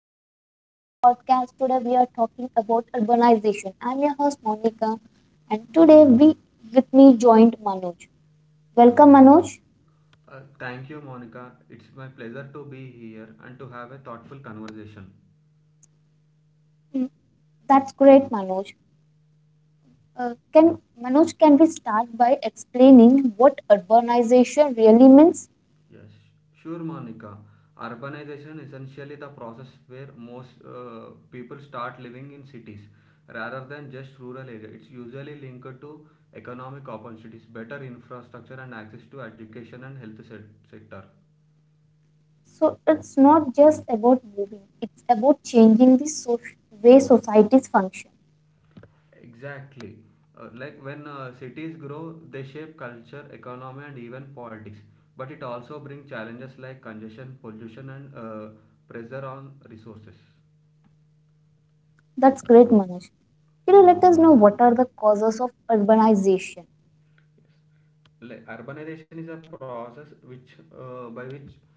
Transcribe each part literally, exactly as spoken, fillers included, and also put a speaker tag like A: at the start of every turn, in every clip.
A: everyone, welcome to the podcast. Today we are talking about urbanization. I'm your host Monica, and today we with me joined Manoj. Welcome Manoj.
B: Uh, thank you, Monica. It's my pleasure to be here and to have a thoughtful conversation.
A: Mm, That's great, Manoj. Uh, can Manoj can we start by explaining what urbanization really means?
B: Yes, sure, Monica. Urbanization essentially the process where most uh, people start living in cities rather than just rural area. It's usually linked to economic opportunities, better infrastructure, and access to education and health se- sector.
A: So it's not just about moving; it's about changing the so- way societies function.
B: Exactly. Uh, like when uh, cities grow, they shape culture, economy, and even politics. But it also brings challenges like congestion, pollution, and uh, pressure on resources.
A: That's great, Manoj. Can you let us know what are the causes of urbanization?
B: Like urbanization is a process which uh, by which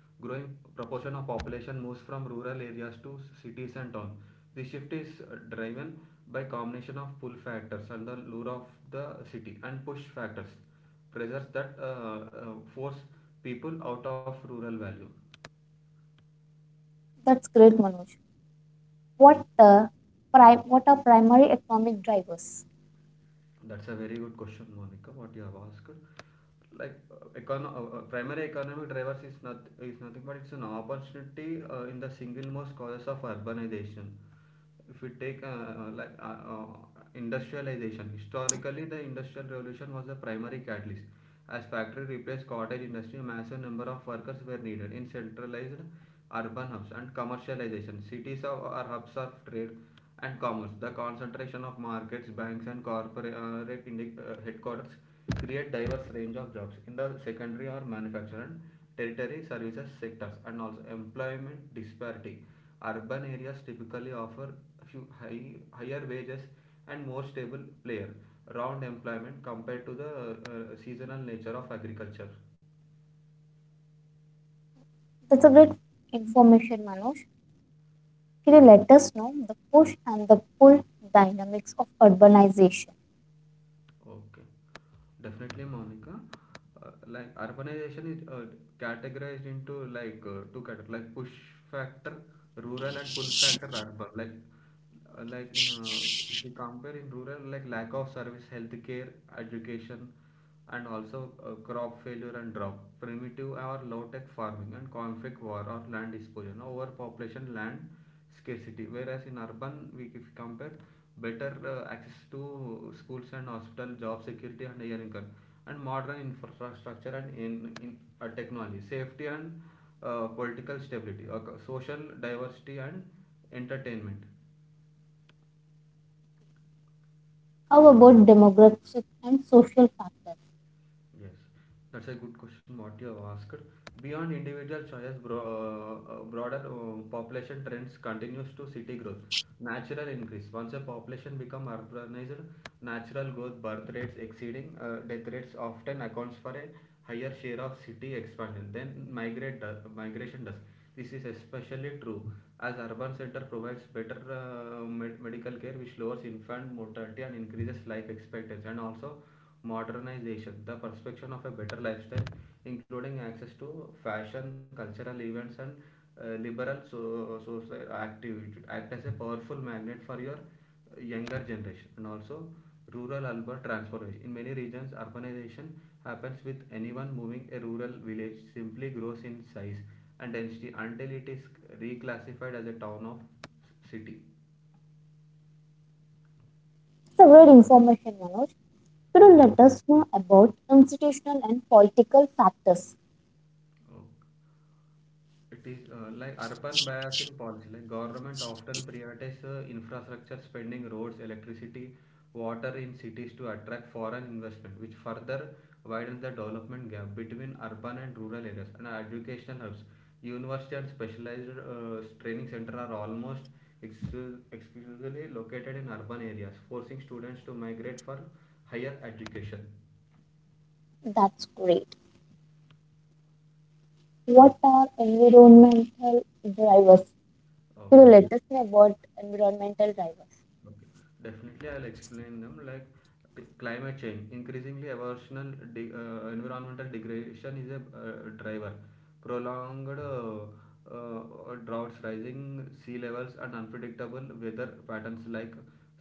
B: growing proportion of population moves from rural areas to cities and towns. The shift is uh, driven by combination of pull factors and the lure of the city and push factors pressures that uh, uh, force people out of rural value.
A: That's great, Manoj. What the prime What are primary economic drivers?
B: That's a very good question, Monica, what you have asked. Like uh, econo- uh, uh, primary economic drivers is not is nothing but it's an opportunity uh, in the single most causes of urbanization. If we take uh, uh, like uh, uh, industrialization, historically the industrial revolution was the primary catalyst. As factory replaced cottage industry, massive number of workers were needed in centralized urban hubs and commercialization. Cities are, are hubs of trade and commerce. The concentration of markets, banks, and corporate uh, headquarters create diverse range of jobs in the secondary or manufacturing, territory, services sectors, and also employment disparity. Urban areas typically offer hu- high, higher wages and more stable player round employment compared to the uh, seasonal nature of agriculture.
A: That's a great information, Manoj. Can you let us know the push and the pull dynamics of urbanization?
B: Okay, definitely, Monica. Uh, like urbanization is uh, categorized into like uh, two categories, like push factor rural and pull factor urban. Like uh, like in uh, If we compare, in rural, like lack of service healthcare education and also uh, crop failure and drought primitive or low tech farming and conflict war or land disposition overpopulation land scarcity, whereas in urban we if we compare better uh, access to schools and hospital job security and higher income and modern infrastructure and in, in uh, technology safety and uh, political stability, okay, social diversity and entertainment.
A: How about demographic and social factors?
B: Yes, that's a good question what you have asked. Beyond individual choice, bro, uh, uh, broader uh, population trends continues to city growth. Natural increase. Once a population become urbanized, natural growth, birth rates exceeding uh, death rates often accounts for a higher share of city expansion than migrate do- migration does. This is especially true as urban center provides better uh, med- medical care, which lowers infant mortality and increases life expectancy, and also modernization, the perception of a better lifestyle, including access to fashion, cultural events, and uh, liberal so, social activity, act as a powerful magnet for your younger generation. And also, rural urban transformation. In many regions, urbanization happens with anyone moving a rural village simply grows in size and density until it is reclassified as a town or city.
A: It's a great information, Manoj. Could you let us know about institutional and political factors?
B: Okay. It is uh, like urban bias in policy. Like government often prioritize uh, infrastructure spending, roads, electricity, water in cities to attract foreign investment, which further widens the development gap between urban and rural areas. And educational hubs, university and specialized uh, training center are almost exclu- exclusively located in urban areas, forcing students to migrate for higher education.
A: That's great. What are environmental drivers? Could
B: Okay.
A: you let us know about environmental drivers?
B: Okay. Definitely, I'll explain them like t- climate change. Increasingly, evolutional de- uh, environmental degradation is a uh, driver. Prolonged uh, uh, droughts, rising sea levels, and unpredictable weather patterns like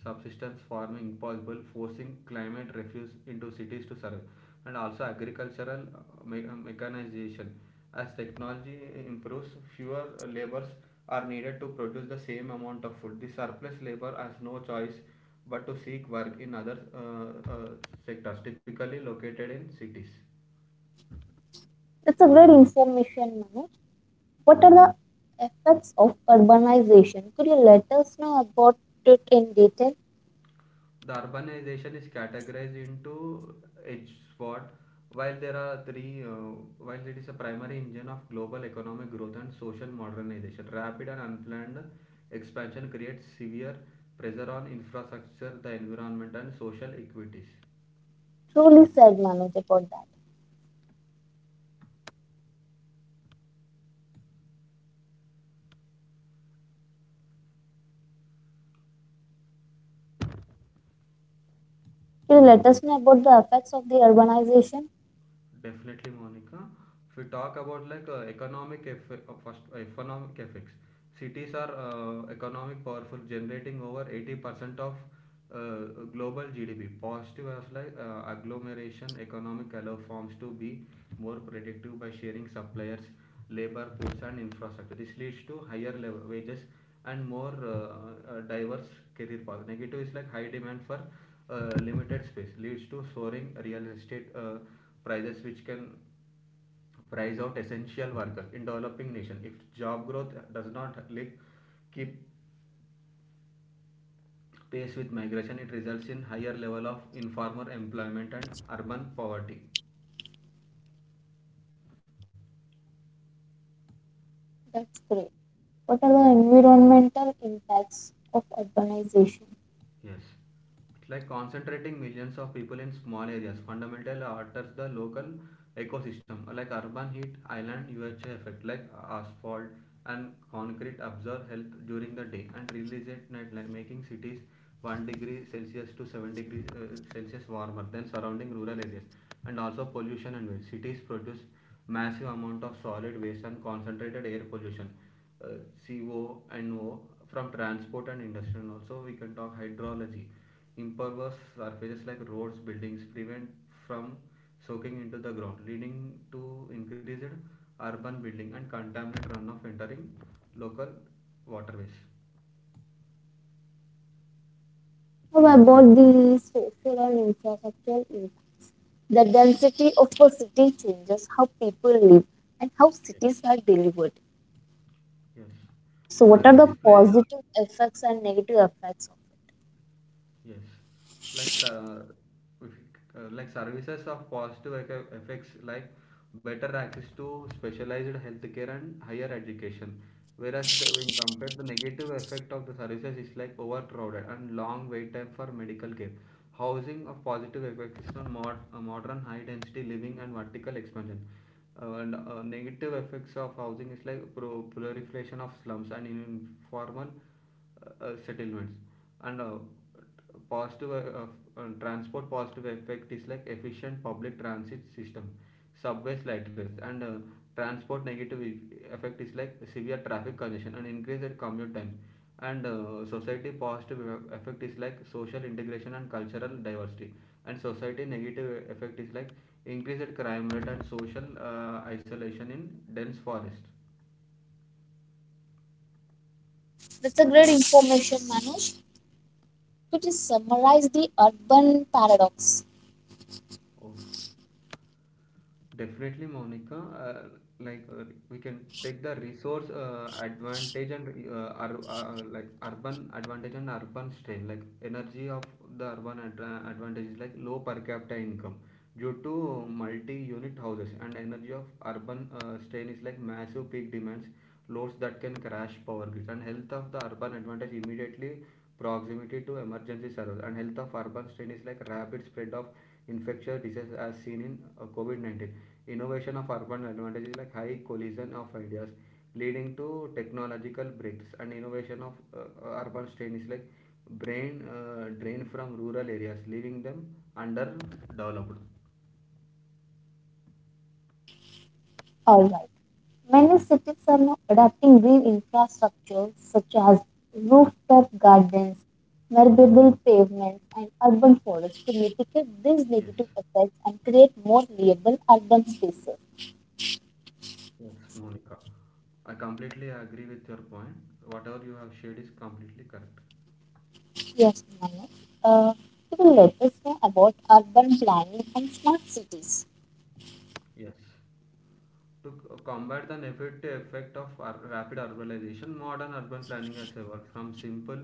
B: subsistence farming possible, forcing climate refuse into cities to survive, and also agricultural uh, me- uh, mechanization. As technology improves, fewer laborers are needed to produce the same amount of food. The surplus labor has no choice but to seek work in other uh, uh, sectors, typically located in cities.
A: That's a great information, Manoj. What are the effects of urbanization? Could you let us know about it in detail?
B: The urbanization is categorized into H SWOT. While there are three, uh, while it is a primary engine of global economic growth and social modernization, rapid and unplanned expansion creates severe pressure on infrastructure, the environment, and social equities.
A: Truly said Manoj about that. Could you let us know about the effects of the urbanization?
B: Definitely, Monica. If we talk about like uh, economic eff uh, first uh, economic effects, cities are uh, economic powerful, generating over eighty percent of uh, global G D P. Positive as like uh, agglomeration economic allow firms to be more predictive by sharing suppliers labor force and infrastructure. This leads to higher level wages and more uh, uh, diverse career path. Negative is like high demand for uh, limited space leads to soaring real estate uh, prices, which can price out essential workers in developing nation. If job growth does not like keep pace with migration, it results in higher level of informal employment and urban poverty.
A: That's great. What are the environmental impacts of urbanization?
B: Yes. It's like concentrating millions of people in small areas fundamentally alters the local ecosystem, like urban heat island U H A effect, like asphalt and concrete absorb help during the day and release at night, like making cities one degree Celsius to seven degree uh, Celsius warmer than surrounding rural areas, and also pollution and waste. Cities produce massive amount of solid waste and concentrated air pollution, uh, C O and O from transport and industry, and also we can talk hydrology. Impervious surfaces like roads buildings prevent from soaking into the ground, leading to increased urban building and contaminant runoff entering local waterways.
A: How about the social and infrastructural impact? The density of a city changes how people live and how
B: Yeah.
A: cities are delivered.
B: Yes,
A: So,
B: I
A: what
B: will
A: are the
B: explain.
A: positive effects and negative effects of it?
B: Yes, like ser- if uh, like services of positive ec- effects, like better access to specialized healthcare and higher education. Whereas the, when compared, the negative effect of the services is like overcrowded and long wait time for medical care. Housing of positive effects on mod- uh, modern high density living and vertical expansion. Uh, and uh, Negative effects of housing is like proliferation of slums and informal uh, uh, settlements, and uh, positive uh, uh, transport positive effect is like efficient public transit system subways light rails, and uh, transport negative e, effect is like severe traffic congestion and increased commute time, and uh, society positive e, effect is like social integration and cultural diversity, and society negative effect is like increased crime rate and social uh, isolation in dense forest.
A: That's a great information, Manoj. Could you summarize the urban paradox?
B: Oh, definitely, Monica. Uh, like uh, we can take the resource uh, advantage and uh, ur- uh, like urban advantage and urban strain. Like energy of the urban ad- uh, advantage is like low per capita income due to multi-unit houses, and energy of urban uh, strain is like massive peak demands, loads that can crash power grids, and health of the urban advantage immediately proximity to emergency service, and health of urban strain is like rapid spread of infectious disease as seen in uh, COVID nineteen. Innovation of urban advantages like high collision of ideas leading to technological breakthroughs, and innovation of uh, uh, urban strain is like brain uh, drain from rural areas leaving them underdeveloped.
A: All right. Many cities are now adapting green infrastructure such as rooftop gardens, navigable pavements, and urban forests to mitigate these
B: Yes.
A: negative effects and create more livable urban spaces.
B: Yes, Monica. I completely agree with your point. Whatever you have shared is completely correct.
A: Yes, Manu, uh, could will let us know about urban planning and smart cities?
B: Yes. To combat the negative effect of ur- rapid urbanization, modern urban planning has evolved from simple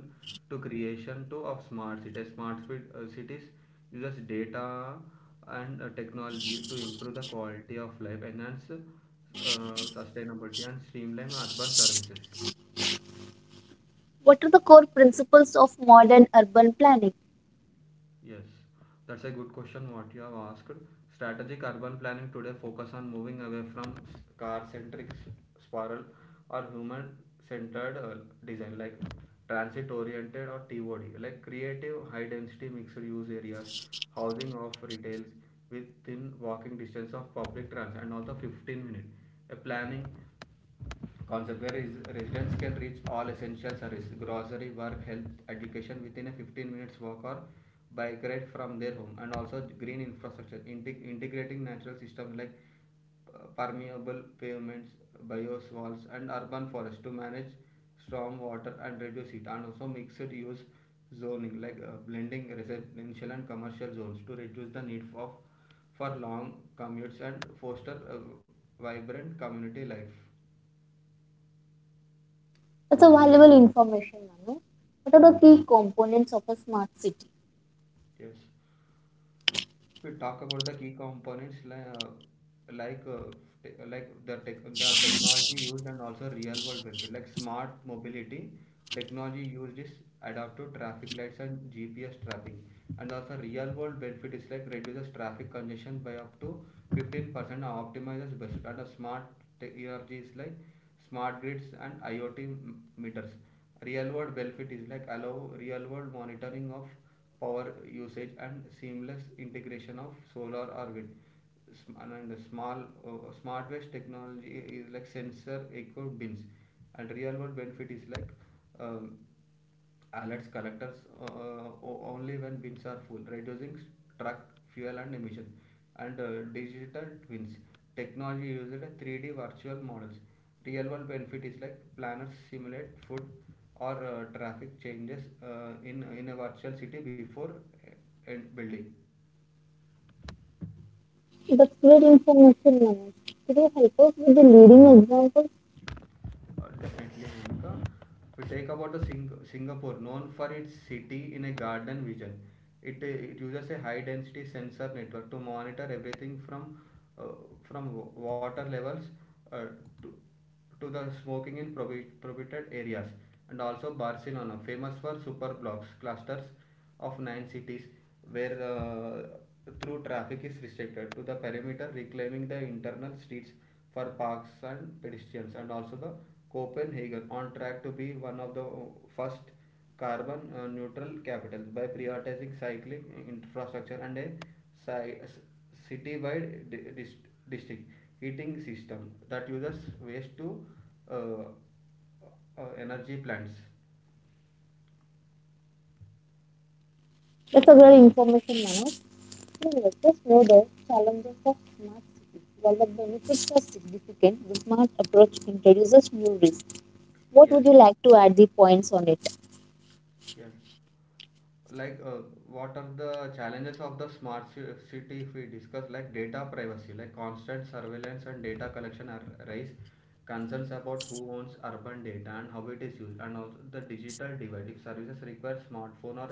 B: to creation to of smart cities. Smart fit, uh, cities uses data and uh, technology to improve the quality of life, enhance uh, sustainability, and streamline urban services.
A: What are the core principles of modern urban planning?
B: Yes, that's a good question what you have asked. Strategic urban planning today focus on moving away from car-centric s- spiral or human-centered uh, design, like transit-oriented or T O D, like creative high-density mixed-use areas, housing of retails within walking distance of public transit, and also fifteen minutes. A planning concept where residents can reach all essential services grocery work health education within a fifteen minutes walk or bike ride from their home, and also green infrastructure integ- integrating natural systems like uh, permeable pavements bioswales, and urban forests to manage storm water and reduce heat, and also mixed use zoning, like uh, blending residential and commercial zones to reduce the need for for long commutes and foster uh, vibrant community life.
A: That's a valuable information, Manu. What are the key components of a smart city?
B: Yes. If we talk about the key components, li- uh, like uh, te- like the tech, the technology used and also real world benefit, like smart mobility technology used is adaptive traffic lights and G P S tracking, and also real world benefit is like reduces traffic congestion by up to fifteen percent and optimizes best. And a smart te- energy is like smart grids and I o T m- meters. Real world benefit is like allow real world monitoring of power usage and seamless integration of solar or wind. And small uh, smart waste technology is like sensor eco bins, and real world benefit is like um, alerts collectors uh, only when bins are full, reducing truck fuel and emission. And uh, digital twins technology used three D virtual models. Real world benefit is like planners simulate food or uh, traffic changes uh, in in a virtual city before uh, building.
A: That's great information, Manu. Could you help us with the leading examples?
B: Uh, definitely, Bhumika. We take about the Sing- Singapore, known for its city in a garden vision. It, uh, it uses a high density sensor network to monitor everything from uh, from wa- water levels uh, to, to the smoking in prohi- prohibited areas. And also Barcelona, famous for super blocks, clusters, of nine cities where uh, through traffic is restricted to the perimeter, reclaiming the internal streets for parks and pedestrians, and also the Copenhagen on track to be one of the uh, first carbon uh, neutral capitals by prioritizing cycling infrastructure and a city-wide di- dis- district heating system that uses waste to uh, uh, energy plants.
A: That's a great information, Manu. So let us know the challenges of smart cities. While the benefits are significant, the smart approach introduces new risks. What would
B: Yes,
A: you like to add the points on it?
B: yes. like uh, what are the challenges of the smart ci- city? If we discuss, like, data privacy, like constant surveillance and data collection, are raise concerns about who owns urban data and how it is used. And also the digital divide, if services require smartphone or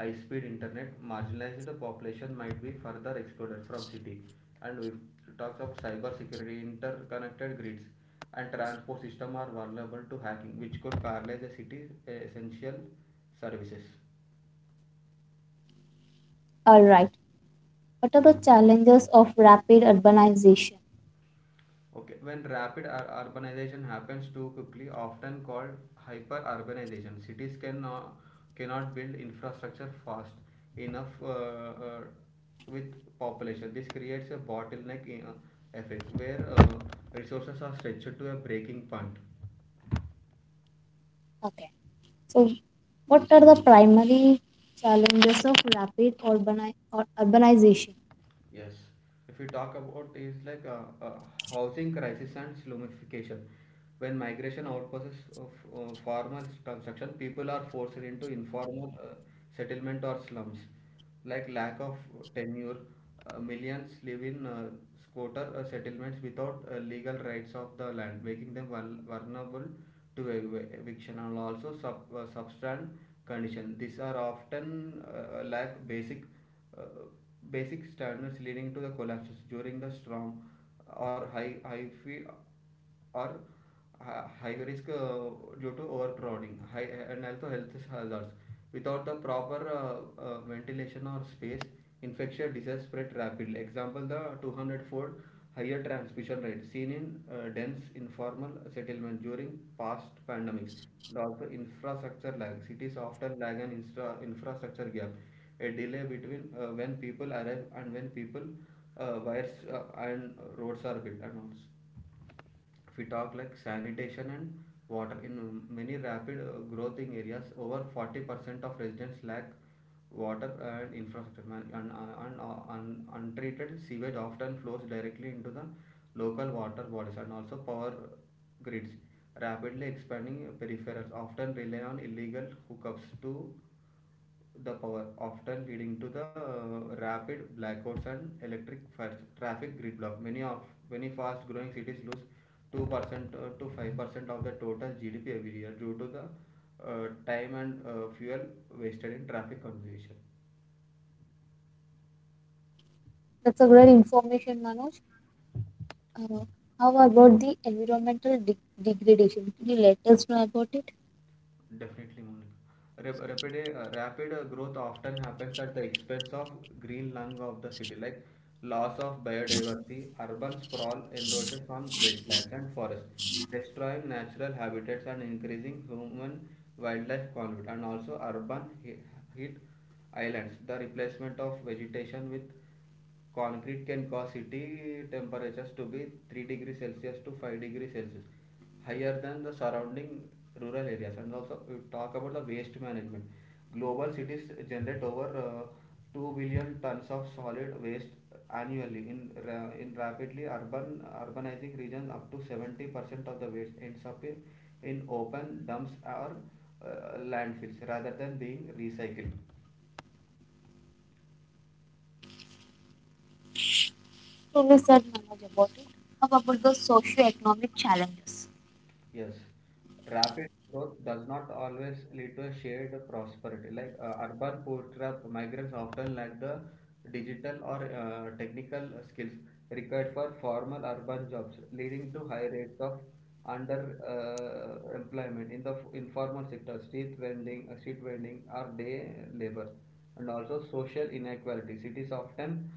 B: high speed internet, marginalized population might be further excluded from city. And we talks of cyber security, interconnected grids and transport system are vulnerable to hacking, which could paralyze a city's uh, essential services.
A: All right. What are the challenges of rapid urbanization?
B: Okay, when rapid ur- urbanization happens too quickly, often called hyperurbanization, cities cannot cannot build infrastructure fast enough uh, uh, with population. This creates a bottleneck in, uh, effect where uh, resources are stretched to a breaking point.
A: Okay. So, what are the primary challenges of rapid urbani- or urbanization?
B: Yes, if we talk about is like a, a housing crisis and slumification. When migration outpasses of uh, formal construction, people are forced into informal uh, settlement or slums. Like lack of tenure, uh, millions live in uh, squatter uh, settlements without uh, legal rights of the land, making them vul- vulnerable to ev- eviction, and also sub uh, substand condition. These are often uh, lack basic uh, basic standards, leading to the collapses during the storm, or high high fee, or hi- high risk uh, due to overcrowding high, and also health hazards without the proper uh, uh, ventilation or space. Infectious disease spread rapidly. Example, the two hundred-fold higher transmission rate seen in uh, dense informal settlement during past pandemics. And also infrastructure lag. Cities often lag an instra- infrastructure gap, a delay between uh, when people arrive and when people uh, wires uh, and roads are built. And also, if we talk like sanitation and water, in many rapid uh, growing areas over forty percent of residents lack water and infrastructure. Man- and, and, and untreated sewage often flows directly into the local water bodies. And also power grids, rapidly expanding peripherals often rely on illegal hookups to the power, often leading to the rapid blackouts and electric fast traffic grid block. Many of many fast-growing cities lose two percent to five percent of the total G D P every year due to the uh, time and uh, fuel wasted in traffic congestion.
A: That's a great information, Manoj. Uh, how about the environmental de- degradation? Could you let us know about it?
B: Definitely, Monica. Rap- Rapid, uh, rapid uh, growth often happens at the expense of green lung of the city, like loss of biodiversity, urban sprawl, erosion on wetlands and forests, destroying natural habitats and increasing human wildlife conflict, and also urban he- heat islands, the replacement of vegetation with concrete can cause city temperatures to be three degrees Celsius to five degrees Celsius higher than the surrounding rural areas. And also, we talk about the waste management. Global cities generate over uh, two billion tons of solid waste annually. In ra- in rapidly urban urbanizing regions, up to seventy percent of the waste ends up in, in open dumps or uh, landfills rather than being recycled.
A: So, we said, Manoj, about it. How about the socio-economic challenges?
B: Yes, rapid growth does not always lead to a shared prosperity. Like uh, urban poor trap migrants often lack the digital or uh, technical skills required for formal urban jobs, leading to high rates of under uh, employment in the f- informal sector, street vending, uh, street vending, or day labor. And also social inequality. Cities often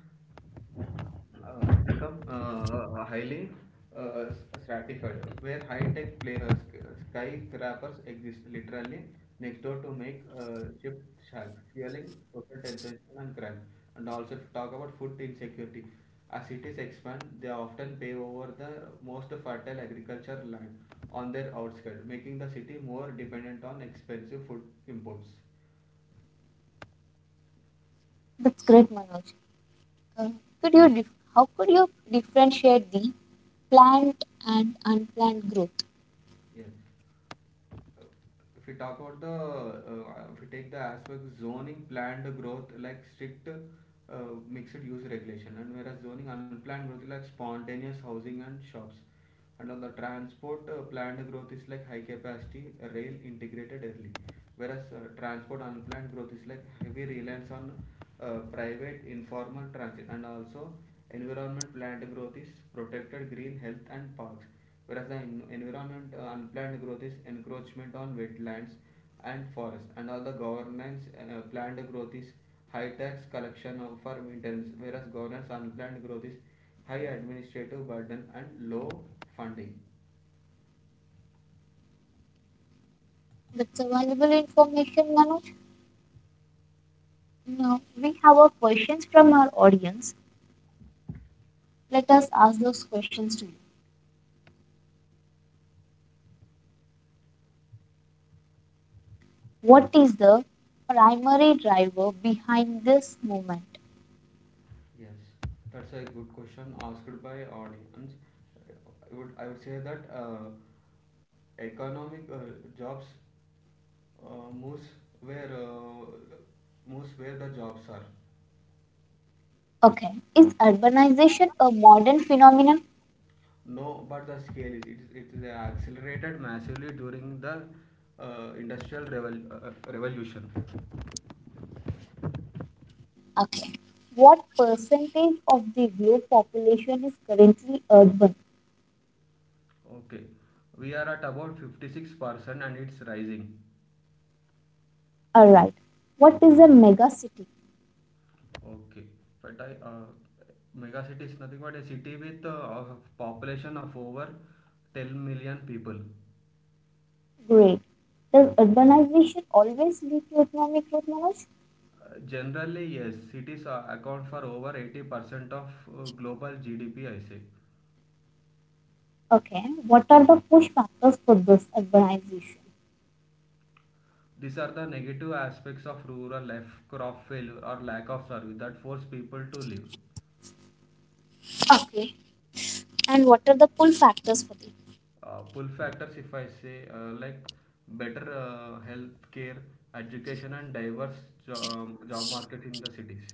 B: uh, become uh, highly uh, stratified, where high-tech play, uh, sk- skyscrapers exist literally next door to make uh, ship shacks, fueling social tension and crime. And also, if you talk about food insecurity, as cities expand, they often pave over the most fertile agricultural land on their outskirts, making the city more dependent on expensive food imports.
A: That's great, Manoj. Uh, could you dif- how could you differentiate the plant and unplanned growth?
B: Yes. if we talk about the uh, uh, If we take the aspect zoning planned growth, like strict uh, mixed use regulation, and whereas zoning unplanned growth is like spontaneous housing and shops. And on the transport uh, planned growth is like high capacity rail integrated early, whereas uh, transport unplanned growth is like heavy reliance on uh, private informal transit. And also environment planned growth is protected green health and parks, whereas the en- environment uh, unplanned growth is encroachment on wetlands and forest. And all the governance uh, planned growth is high tax collection of- for maintenance, whereas governance unplanned growth is high administrative burden and low funding.
A: That's a valuable information, Manoj. Now, we have a questions from our audience. Let us ask those questions to you. What is the primary driver behind this movement?
B: Yes, that's a good question asked by audience. I would i would say that uh, economic uh, jobs uh, moves where uh, moves where the jobs are.
A: Okay. Is urbanization a modern phenomenon?
B: No, but the scale is it, is- it is accelerated massively during the uh, industrial revol- uh, uh, revolution.
A: Okay. What percentage of the globe population is currently urban?
B: Okay, we are at about fifty-six percent and it's rising.
A: Alright. What is a mega city?
B: Okay, but I uh, mega city is nothing but a city with uh, a population of over ten million people.
A: Great. Does urbanization always lead to economic growth, Manoj?
B: Uh, generally, yes, cities are, account for over eighty percent of uh, global G D P, I say.
A: Okay. What are the push factors for this urbanization?
B: These are the negative aspects of rural life, crop failure or lack of service that force people to live.
A: Okay. And what are the pull factors for this?
B: Uh, pull factors, if I say, uh, like better uh, health care, education, and diverse job, job market in the cities.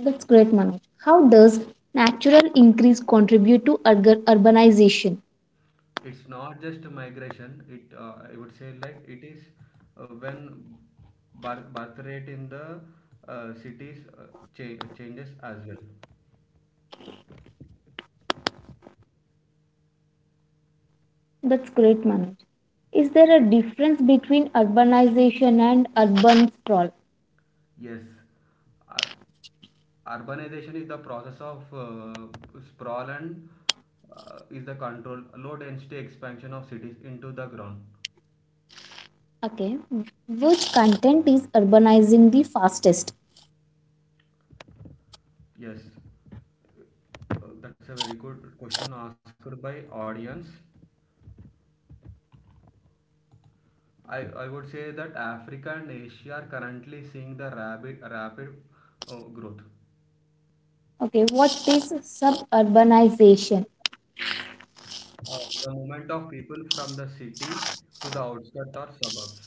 A: That's great, Manoj. How does natural increase contribute to urg- urbanization?
B: It's not just migration. It uh, I would say like it is uh, when birth, birth rate in the uh, cities uh, cha- changes as well.
A: That's great, Manoj. Is there a difference between urbanization and urban sprawl?
B: Yes, Ur- urbanization is the process of uh, sprawl, and uh, is the control low density expansion of cities into the ground.
A: Okay, which content is urbanizing the fastest?
B: Yes, uh, that's a very good question asked by audience. I, I would say that Africa and Asia are currently seeing the rapid rapid uh, growth.
A: Okay, what is suburbanization?
B: Uh, the movement of people from the city to the outskirts or suburbs.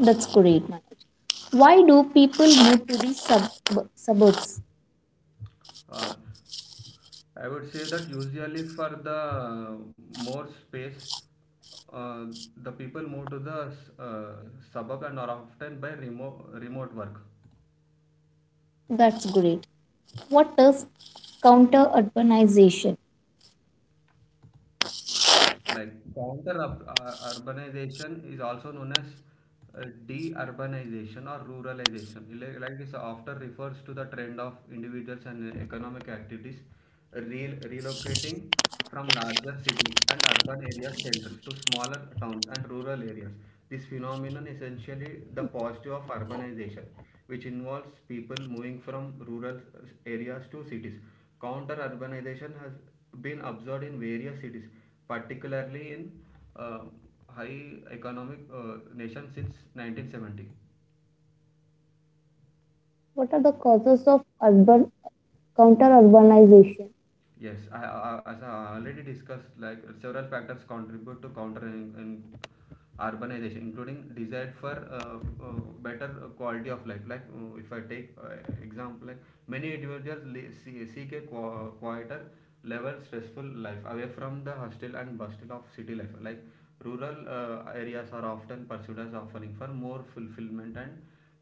A: That's great, Manoj. Why do people move to the sub- suburbs?
B: Uh, I would say that usually for the uh, more space, uh, the people move to the uh, suburb and are often by remote remote work.
A: That's great. What does counter urbanization?
B: Like counter up, uh, urbanization is also known as uh, deurbanization or ruralization. Like, like this often refers to the trend of individuals and uh, economic activities rel- relocating from larger cities and urban area centers to smaller towns and rural areas. This phenomenon essentially the positive of urbanization, which involves people moving from rural uh, areas to cities. Counter urbanization has been observed in various cities, particularly in uh, high economic uh, nations since nineteen seventy.
A: What are the causes of urban counter urbanization?
B: Yes, I, I, as I already discussed, like several factors contribute to countering in in urbanization, including desire for uh, uh, better quality of life. Like uh, if I take uh, example, like many individuals seek a quieter level stressful life away from the hustle and bustle of city life. Like rural uh, areas are often pursued as offering for more fulfillment and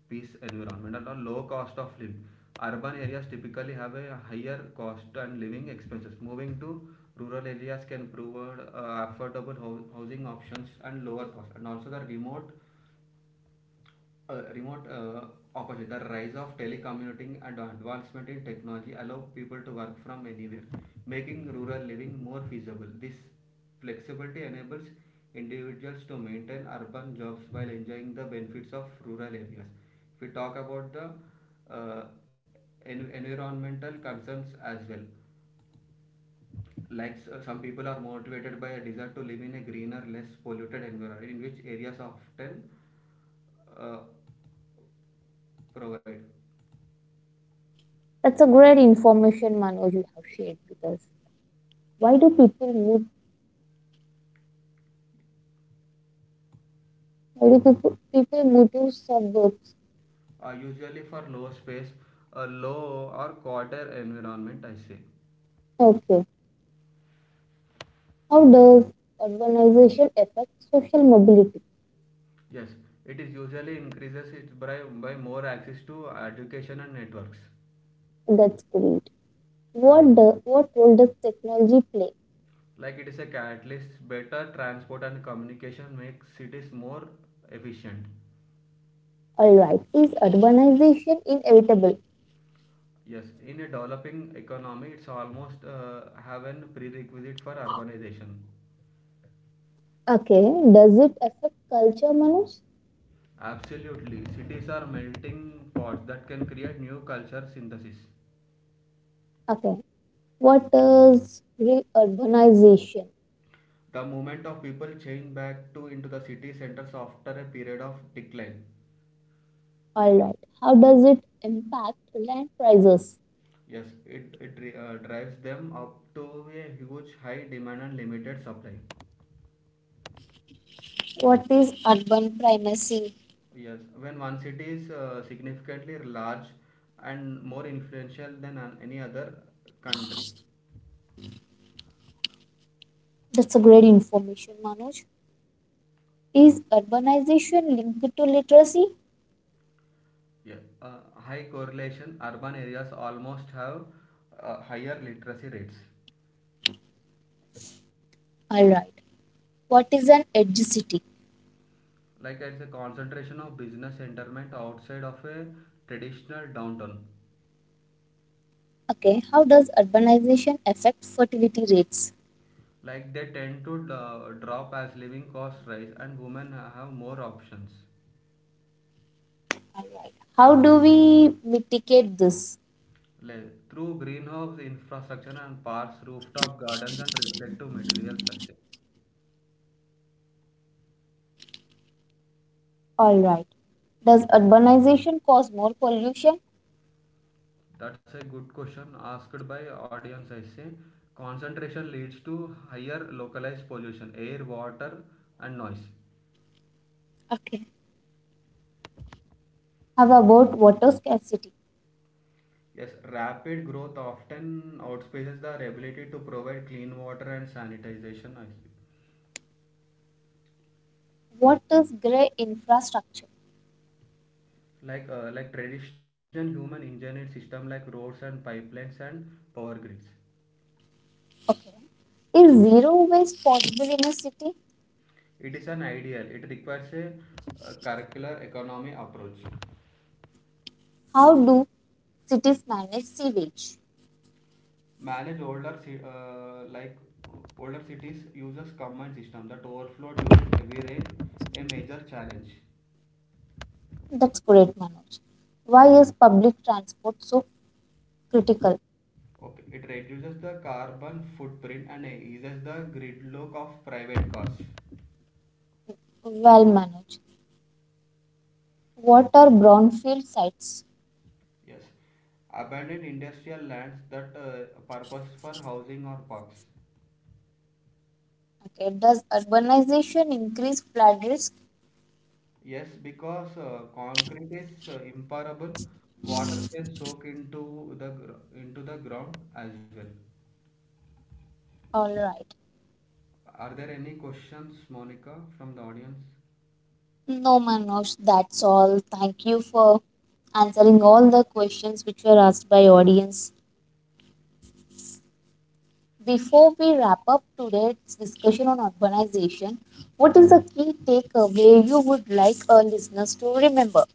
B: peace environment, and a low cost of living. Urban areas typically have a higher cost and living expenses. Moving to rural areas can provide uh, affordable hou- housing options and lower cost. And also the remote uh, remote uh, opportunity. The rise of telecommuting and advancement in technology allow people to work from anywhere, making rural living more feasible. This flexibility enables individuals to maintain urban jobs while enjoying the benefits of rural areas. If we talk about the uh, en- environmental concerns as well, like s- some people are motivated by a desire to live in a greener, less polluted environment, in which areas often uh, provide.
A: That's a great information, Manoj, you have shared with us. Why do people move? Why do people, people move to suburbs?
B: Uh, usually for low space, a low or quarter environment, I say.
A: Okay. How does urbanization affect social mobility?
B: Yes, it is usually increases it by, by more access to education and networks.
A: That's great. What the, what role does technology play?
B: Like it is a catalyst, better transport and communication makes cities more efficient.
A: All right. Is urbanization inevitable?
B: Yes, in a developing economy it's almost uh, have an prerequisite for urbanization.
A: Okay. Does it affect culture, Manoj?
B: Absolutely, cities are melting pots that can create new culture synthesis.
A: Okay. What does re-urbanization?
B: The movement of people changed back to into the city centers after a period of decline.
A: All right. How does it impact land prices?
B: Yes, it, it uh, drives them up to a huge high demand and limited supply.
A: What is urban primacy?
B: Yes, when one city is uh, significantly large and more influential than an- any other country.
A: That's a great information, Manoj. Is urbanization linked to literacy?
B: Yeah. Uh, high correlation, urban areas almost have uh, higher literacy rates.
A: Alright. What is an adjacency?
B: Like it's a concentration of business entertainment outside of a traditional downtown.
A: Okay. How does urbanization affect fertility rates?
B: Like they tend to uh, drop as living costs rise and women have more options.
A: Alright. How do we mitigate this?
B: Like through greenhouse infrastructure and parks, rooftop gardens and reflective materials, I say.
A: Alright. Does urbanization cause more pollution?
B: That's a good question asked by audience, I say. Concentration leads to higher localized pollution, air, water and noise.
A: Okay. How about water scarcity?
B: Yes, rapid growth often outpaces the ability to provide clean water and sanitization, I say.
A: What is grey infrastructure?
B: Like uh, like traditional human engineered system, like roads and pipelines and power grids.
A: Okay. Is zero waste possible in a city?
B: It is an ideal, it requires a, uh, circular economy approach.
A: How do cities manage sewage?
B: Manage older uh, like older cities uses common system that overflow during heavy rain, a major challenge.
A: That's great, Manoj. Why is public transport so critical?
B: Okay, it reduces the carbon footprint and eases the gridlock of private cars.
A: Well, Manoj, what are brownfield sites?
B: Yes, abandoned industrial lands that uh, purpose for housing or parks.
A: Okay, does urbanization increase flood risk?
B: Yes, because uh, concrete is uh, impermeable, water can soak into the gr- into the ground as well.
A: All right.
B: Are there any questions, Monica, from the audience?
A: No, Manoj, that's all. Thank you for answering all the questions which were asked by audience. Before we wrap up today's discussion on urbanization, what is the key takeaway you would like our listeners to remember?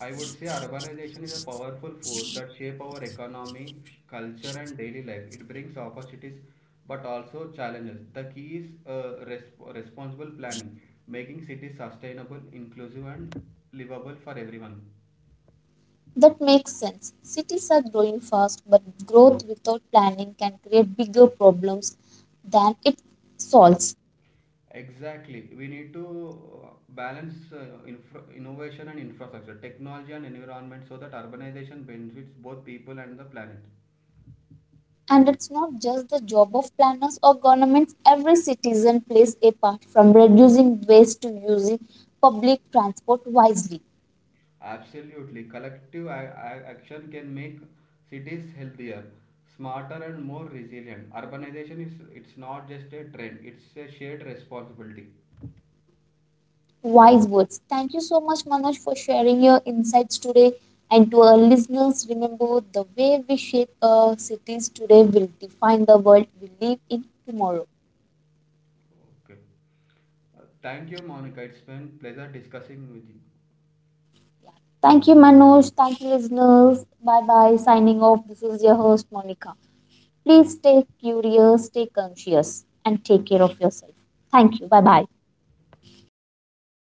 B: I, I would say urbanization is a powerful force that shape our economy, culture, and daily life. It brings opportunities but also challenges. The key is uh, resp- responsible planning, making cities sustainable, inclusive, and livable for everyone.
A: That makes sense. Cities are growing fast, but growth without planning can create bigger problems than it solves.
B: Exactly. We need to uh, balance uh, infra- innovation and infrastructure, technology and environment, so that urbanization benefits both people and the planet.
A: And it's not just the job of planners or governments, every citizen plays a part from reducing waste to using public transport wisely.
B: Absolutely. Collective a- a- action can make cities healthier, smarter and more resilient. Urbanization is it's not just a trend, it's a shared responsibility.
A: Wise words. Thank you so much, Manoj, for sharing your insights today. And to our listeners, remember the way we shape our cities today will define the world we live in tomorrow.
B: Okay. Uh, thank you, Monica. It's been pleasure discussing with you.
A: Thank you, Manoj. Thank you, listeners. Bye bye. Signing off. This is your host, Monica. Please stay curious, stay conscious, and take care of yourself. Thank you. Bye bye.